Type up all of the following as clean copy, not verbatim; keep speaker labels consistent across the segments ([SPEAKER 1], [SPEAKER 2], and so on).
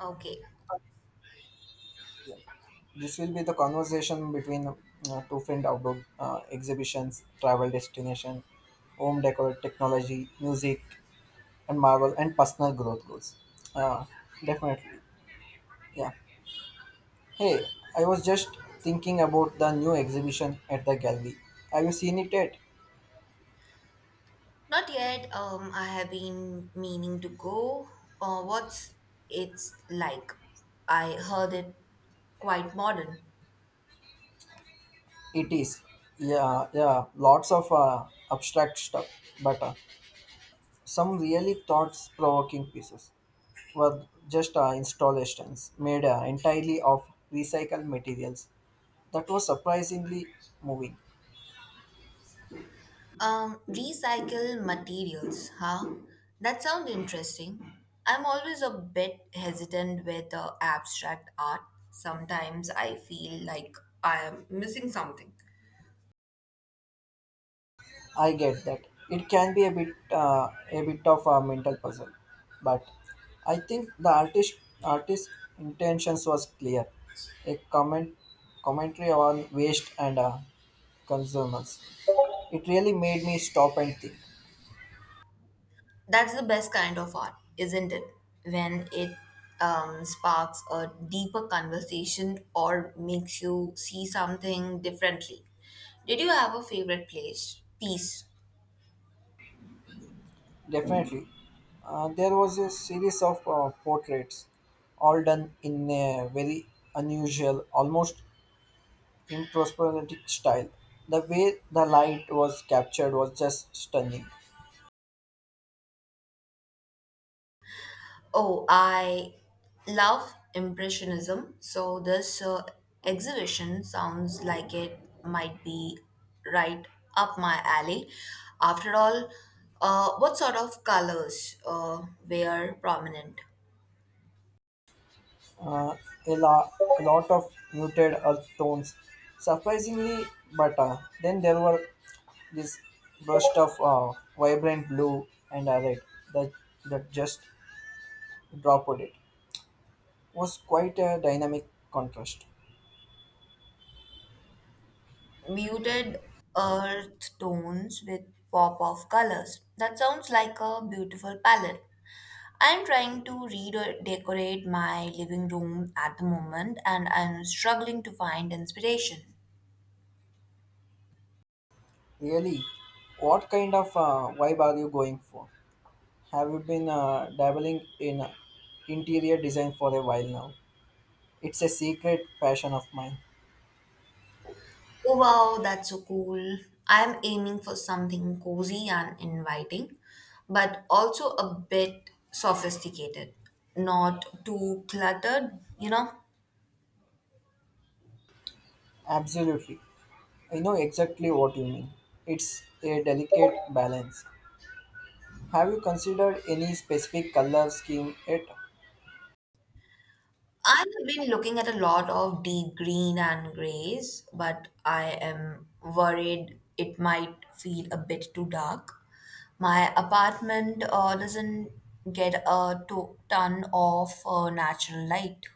[SPEAKER 1] Okay.
[SPEAKER 2] This will be the conversation between two famed outdoor exhibitions, travel destination, home decor, technology, music, and Marvel, and personal growth goals. Uh, definitely, yeah. Hey, I was just thinking about the new exhibition at the gallery. Have you seen it yet?
[SPEAKER 1] Not yet. I have been meaning to go. What's it's like? I heard it quite modern.
[SPEAKER 2] It is. Yeah, yeah. Lots of abstract stuff, but some really thoughts-provoking pieces. Were just installations made entirely of recycled materials. That was surprisingly moving.
[SPEAKER 1] Recycle materials, huh? That sounds interesting. I'm always a bit hesitant with abstract art. Sometimes I feel like I am missing something.
[SPEAKER 2] I get that it can be a bit of a mental puzzle, but I think the artist intentions was clear. A commentary on waste and consumers. It really made me stop and think.
[SPEAKER 1] That's the best kind of art, isn't it? When it sparks a deeper conversation or makes you see something differently. Did you have a favorite place? Piece.
[SPEAKER 2] Definitely. There was a series of portraits, all done in a very unusual, almost impressionistic style. The way the light was captured was just stunning.
[SPEAKER 1] Oh, I love Impressionism, so this exhibition sounds like it might be right up my alley. After all, what sort of colors were prominent?
[SPEAKER 2] Uh, a, la- a lot of muted earth tones, surprisingly, but then there were this burst of vibrant blue and red that, that just dropped it. Was quite a dynamic contrast.
[SPEAKER 1] Muted earth tones with pop of colors. That sounds like a beautiful palette. I'm trying to redecorate my living room at the moment and I'm struggling to find inspiration.
[SPEAKER 2] Really, what kind of vibe are you going for? Have you been dabbling in interior design for a while now? It's a secret passion of mine.
[SPEAKER 1] Oh wow, that's so cool. I'm aiming for something cozy and inviting, but also a bit sophisticated, not too cluttered, you know?
[SPEAKER 2] Absolutely. I know exactly what you mean. It's a delicate balance. Have you considered any specific color scheme yet?
[SPEAKER 1] I've been looking at a lot of deep green and grays, but I am worried it might feel a bit too dark. My apartment doesn't get a ton of natural light.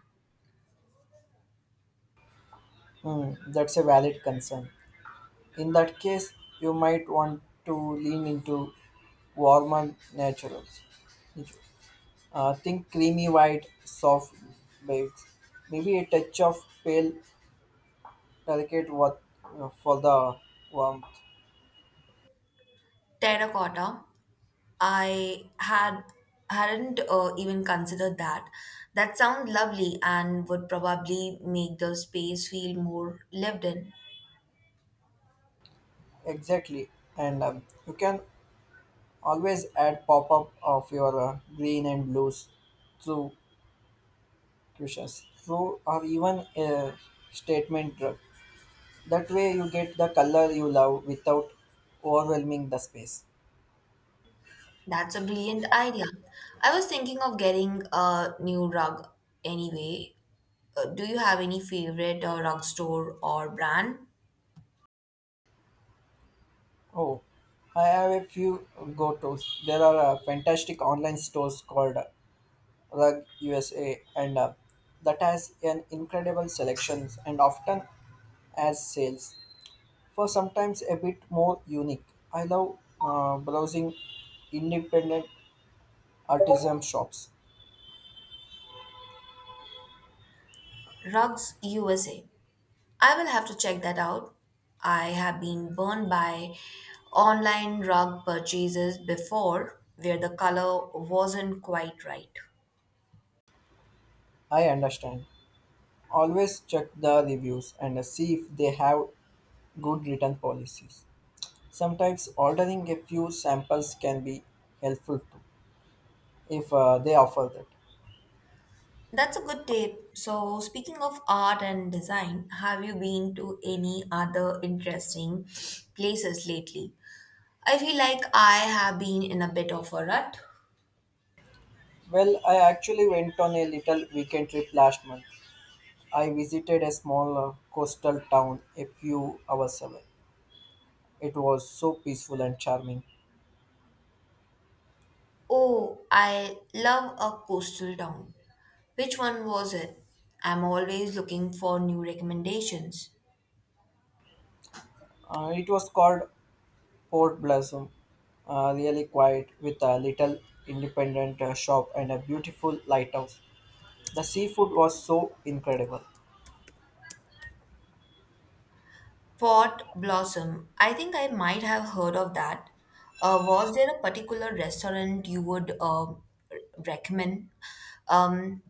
[SPEAKER 2] Hmm, that's a valid concern. In that case, you might want to lean into warmer naturals. Think creamy white, soft baked, maybe a touch of pale, delicate what for the warmth.
[SPEAKER 1] Terracotta, I had hadn't even considered that. That sounds lovely and would probably make the space feel more lived in.
[SPEAKER 2] Exactly, and you can always add pop up of your green and blues through cushions, through or even a statement drug. That way, you get the color you love without overwhelming the space.
[SPEAKER 1] That's a brilliant idea. I was thinking of getting a new rug anyway. Do you have any favorite rug store or brand?
[SPEAKER 2] Oh, I have a few go tos. There are fantastic online stores called Rug USA, and that has an incredible selections and often as sales for sometimes a bit more unique. I love browsing independent artisan shops.
[SPEAKER 1] Rugs USA. I will have to check that out. I have been burned by online rug purchases before where the color wasn't quite right.
[SPEAKER 2] I understand. Always check the reviews and see if they have good return policies. Sometimes ordering a few samples can be helpful too if they offer that.
[SPEAKER 1] That's a good tip. So, speaking of art and design, have you been to any other interesting places lately? I feel like I have been in a bit of a rut.
[SPEAKER 2] Well, I actually went on a little weekend trip last month. I visited a small coastal town a few hours away. It was so peaceful and charming.
[SPEAKER 1] Oh, I love a coastal town. Which one was it? I'm always looking for new recommendations.
[SPEAKER 2] It was called Port Blossom, really quiet with a little independent shop and a beautiful lighthouse. The seafood was so incredible.
[SPEAKER 1] Port Blossom. I think I might have heard of that. Was there a particular restaurant you would recommend? Um,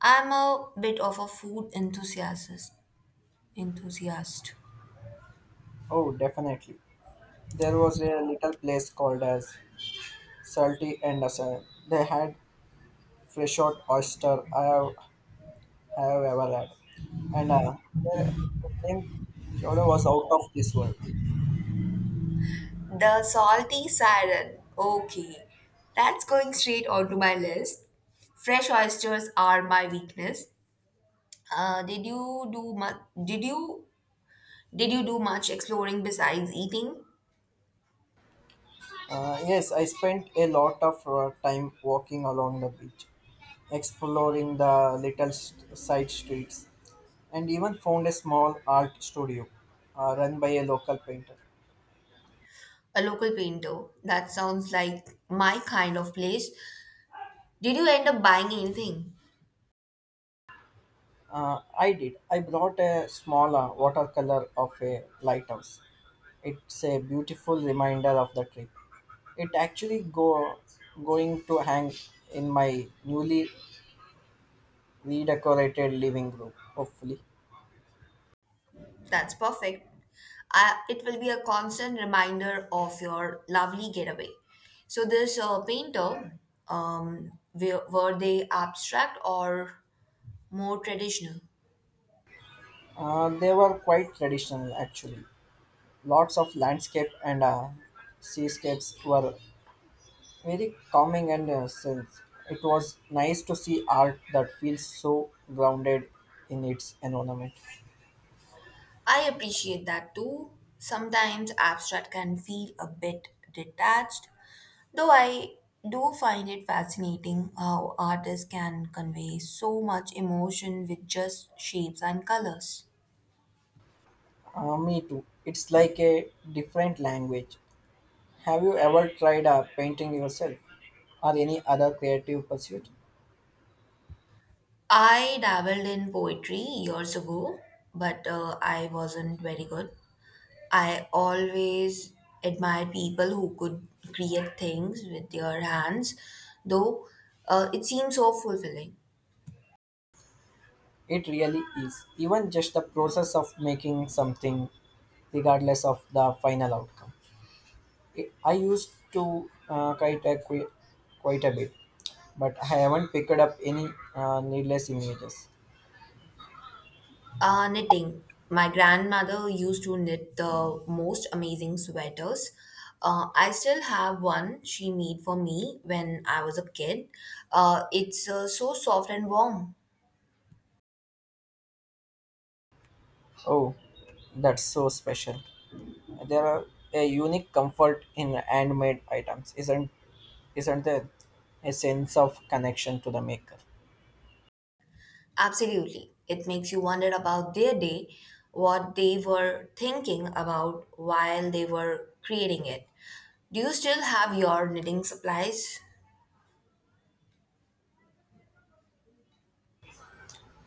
[SPEAKER 1] I'm a bit of a food enthusiast. Enthusiast.
[SPEAKER 2] Oh, definitely. There was a little place called as Salty and Asylum. They had fresh out I have ever had. And the name Jodo was out of this world.
[SPEAKER 1] The salty siren. Okay, that's going straight onto my list. Fresh oysters are my weakness. Uh, did you do much? Did you do much exploring besides eating?
[SPEAKER 2] Yes, I spent a lot of time walking along the beach, exploring the side streets, and even found a small art studio run by a local painter.
[SPEAKER 1] A local painter. That sounds like my kind of place. Did you end up buying anything?
[SPEAKER 2] I did. I brought a small watercolor of a lighthouse. It's a beautiful reminder of the trip. It actually go going to hang in my newly redecorated living room. Hopefully,
[SPEAKER 1] That's perfect. I, it will be a constant reminder of your lovely getaway. So, this painter, were they abstract or more traditional?
[SPEAKER 2] they were quite traditional actually. Lots of landscape and seascapes were very calming and sense. It was nice to see art that feels so grounded in its environment.
[SPEAKER 1] I appreciate that too. Sometimes abstract can feel a bit detached, though I do find it fascinating how artists can convey so much emotion with just shapes and colors.
[SPEAKER 2] Me too. It's like a different language. Have you ever tried painting yourself or any other creative pursuit?
[SPEAKER 1] I dabbled in poetry years ago, but I wasn't very good. I always admired people who could create things with their hands, though it seems so fulfilling.
[SPEAKER 2] It really is. Even just the process of making something, regardless of the final outcome. I used to quite a bit, but I haven't picked up any needless images.
[SPEAKER 1] Knitting. My grandmother used to knit the most amazing sweaters. I still have one she made for me when I was a kid. It's so soft and warm.
[SPEAKER 2] Oh, that's so special. There are a unique comfort in handmade items, isn't there? A sense of connection to the maker.
[SPEAKER 1] Absolutely. It makes you wonder about their day, what they were thinking about while they were creating it. Do you still have your knitting supplies?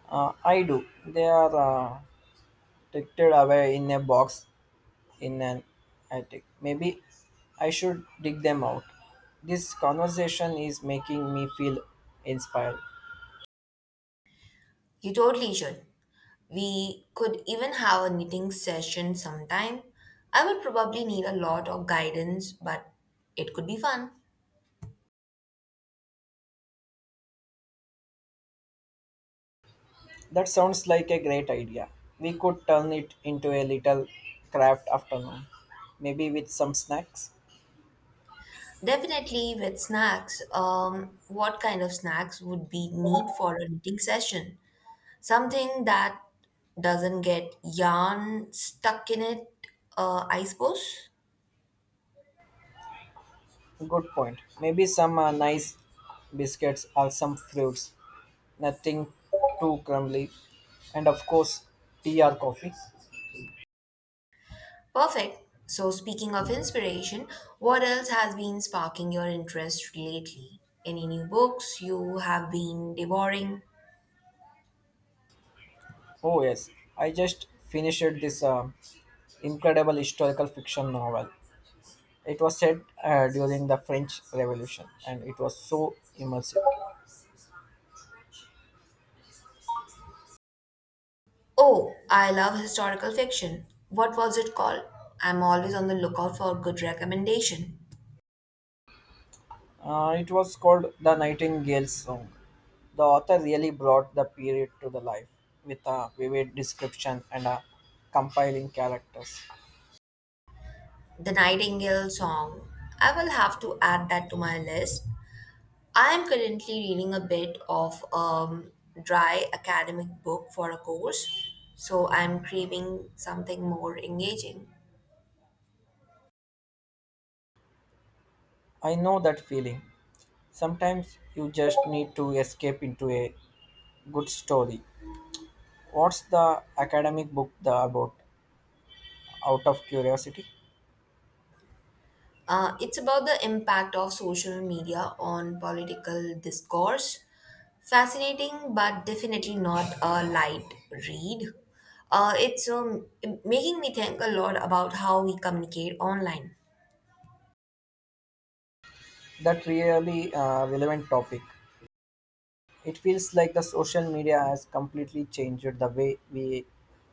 [SPEAKER 2] I do. They are tucked away in a box in an attic. Maybe I should dig them out. This conversation is making me feel inspired.
[SPEAKER 1] You totally should. We could even have a knitting session sometime. I would probably need a lot of guidance, but it could be fun.
[SPEAKER 2] That sounds like a great idea. We could turn it into a little craft afternoon, maybe with some snacks.
[SPEAKER 1] Definitely with snacks. What kind of snacks would be need for a knitting session? Something that doesn't get yarn stuck in it, I suppose.
[SPEAKER 2] Good point. Maybe some nice biscuits or some fruits. Nothing too crumbly. And of course, tea or coffee.
[SPEAKER 1] Perfect. So, speaking of inspiration, what else has been sparking your interest lately? Any new books you have been devouring?
[SPEAKER 2] Oh, yes. I just finished this incredible historical fiction novel. It was set during the French Revolution and it was so immersive.
[SPEAKER 1] Oh, I love historical fiction. What was it called? I'm always on the lookout for a good recommendation.
[SPEAKER 2] It was called The Nightingale's Song. The author really brought the period to the life with a vivid description and a compiling characters.
[SPEAKER 1] The Nightingale Song. I will have to add that to my list. I am currently reading a bit of dry academic book for a course, so I'm craving something more engaging.
[SPEAKER 2] I know that feeling. Sometimes you just need to escape into a good story. What's the academic book the about? Out of curiosity,
[SPEAKER 1] It's about the impact of social media on political discourse. Fascinating, but definitely not a light read. It's making me think a lot about how we communicate online.
[SPEAKER 2] that really relevant topic. It feels like the social media has completely changed the way we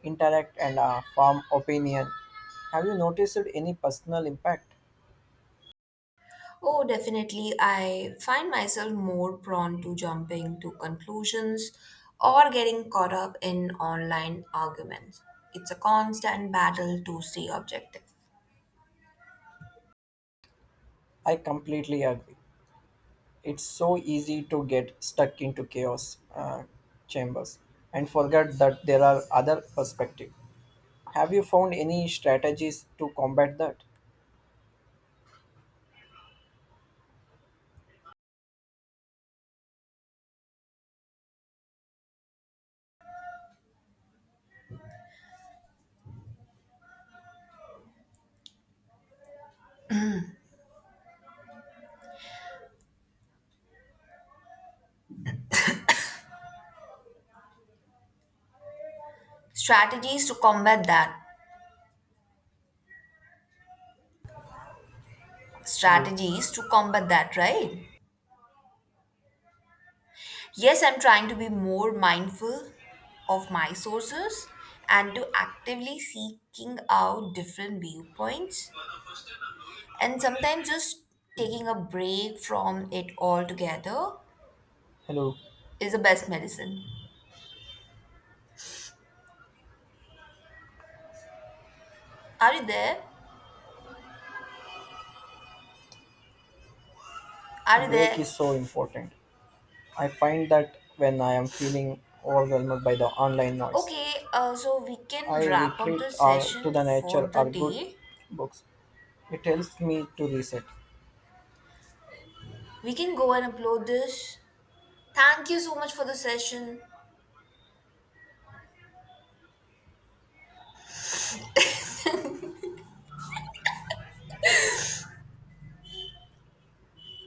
[SPEAKER 2] interact and form opinion. Have you noticed any personal impact?
[SPEAKER 1] Oh, definitely. I find myself more prone to jumping to conclusions or getting caught up in online arguments. It's a constant battle to stay objective.
[SPEAKER 2] I completely agree. It's so easy to get stuck into chaos chambers and forget that there are other perspectives. Have you found any strategies to combat that?
[SPEAKER 1] Strategies to combat that.
[SPEAKER 2] Hello.
[SPEAKER 1] Strategies to combat that, right? Yes, I'm trying to be more mindful of my sources and to actively seeking out different viewpoints and sometimes just taking a break from it altogether
[SPEAKER 2] Hello.
[SPEAKER 1] is the best medicine. Are you there? Are
[SPEAKER 2] A
[SPEAKER 1] you
[SPEAKER 2] break
[SPEAKER 1] there?
[SPEAKER 2] is so important. I find that when I am feeling overwhelmed by the online noise,
[SPEAKER 1] Okay, so we can
[SPEAKER 2] I
[SPEAKER 1] wrap up
[SPEAKER 2] retreat
[SPEAKER 1] the
[SPEAKER 2] or to
[SPEAKER 1] session
[SPEAKER 2] the nature
[SPEAKER 1] for the
[SPEAKER 2] or good
[SPEAKER 1] day.
[SPEAKER 2] books. It helps me to reset.
[SPEAKER 1] We can go and upload this. Thank you so much for the session.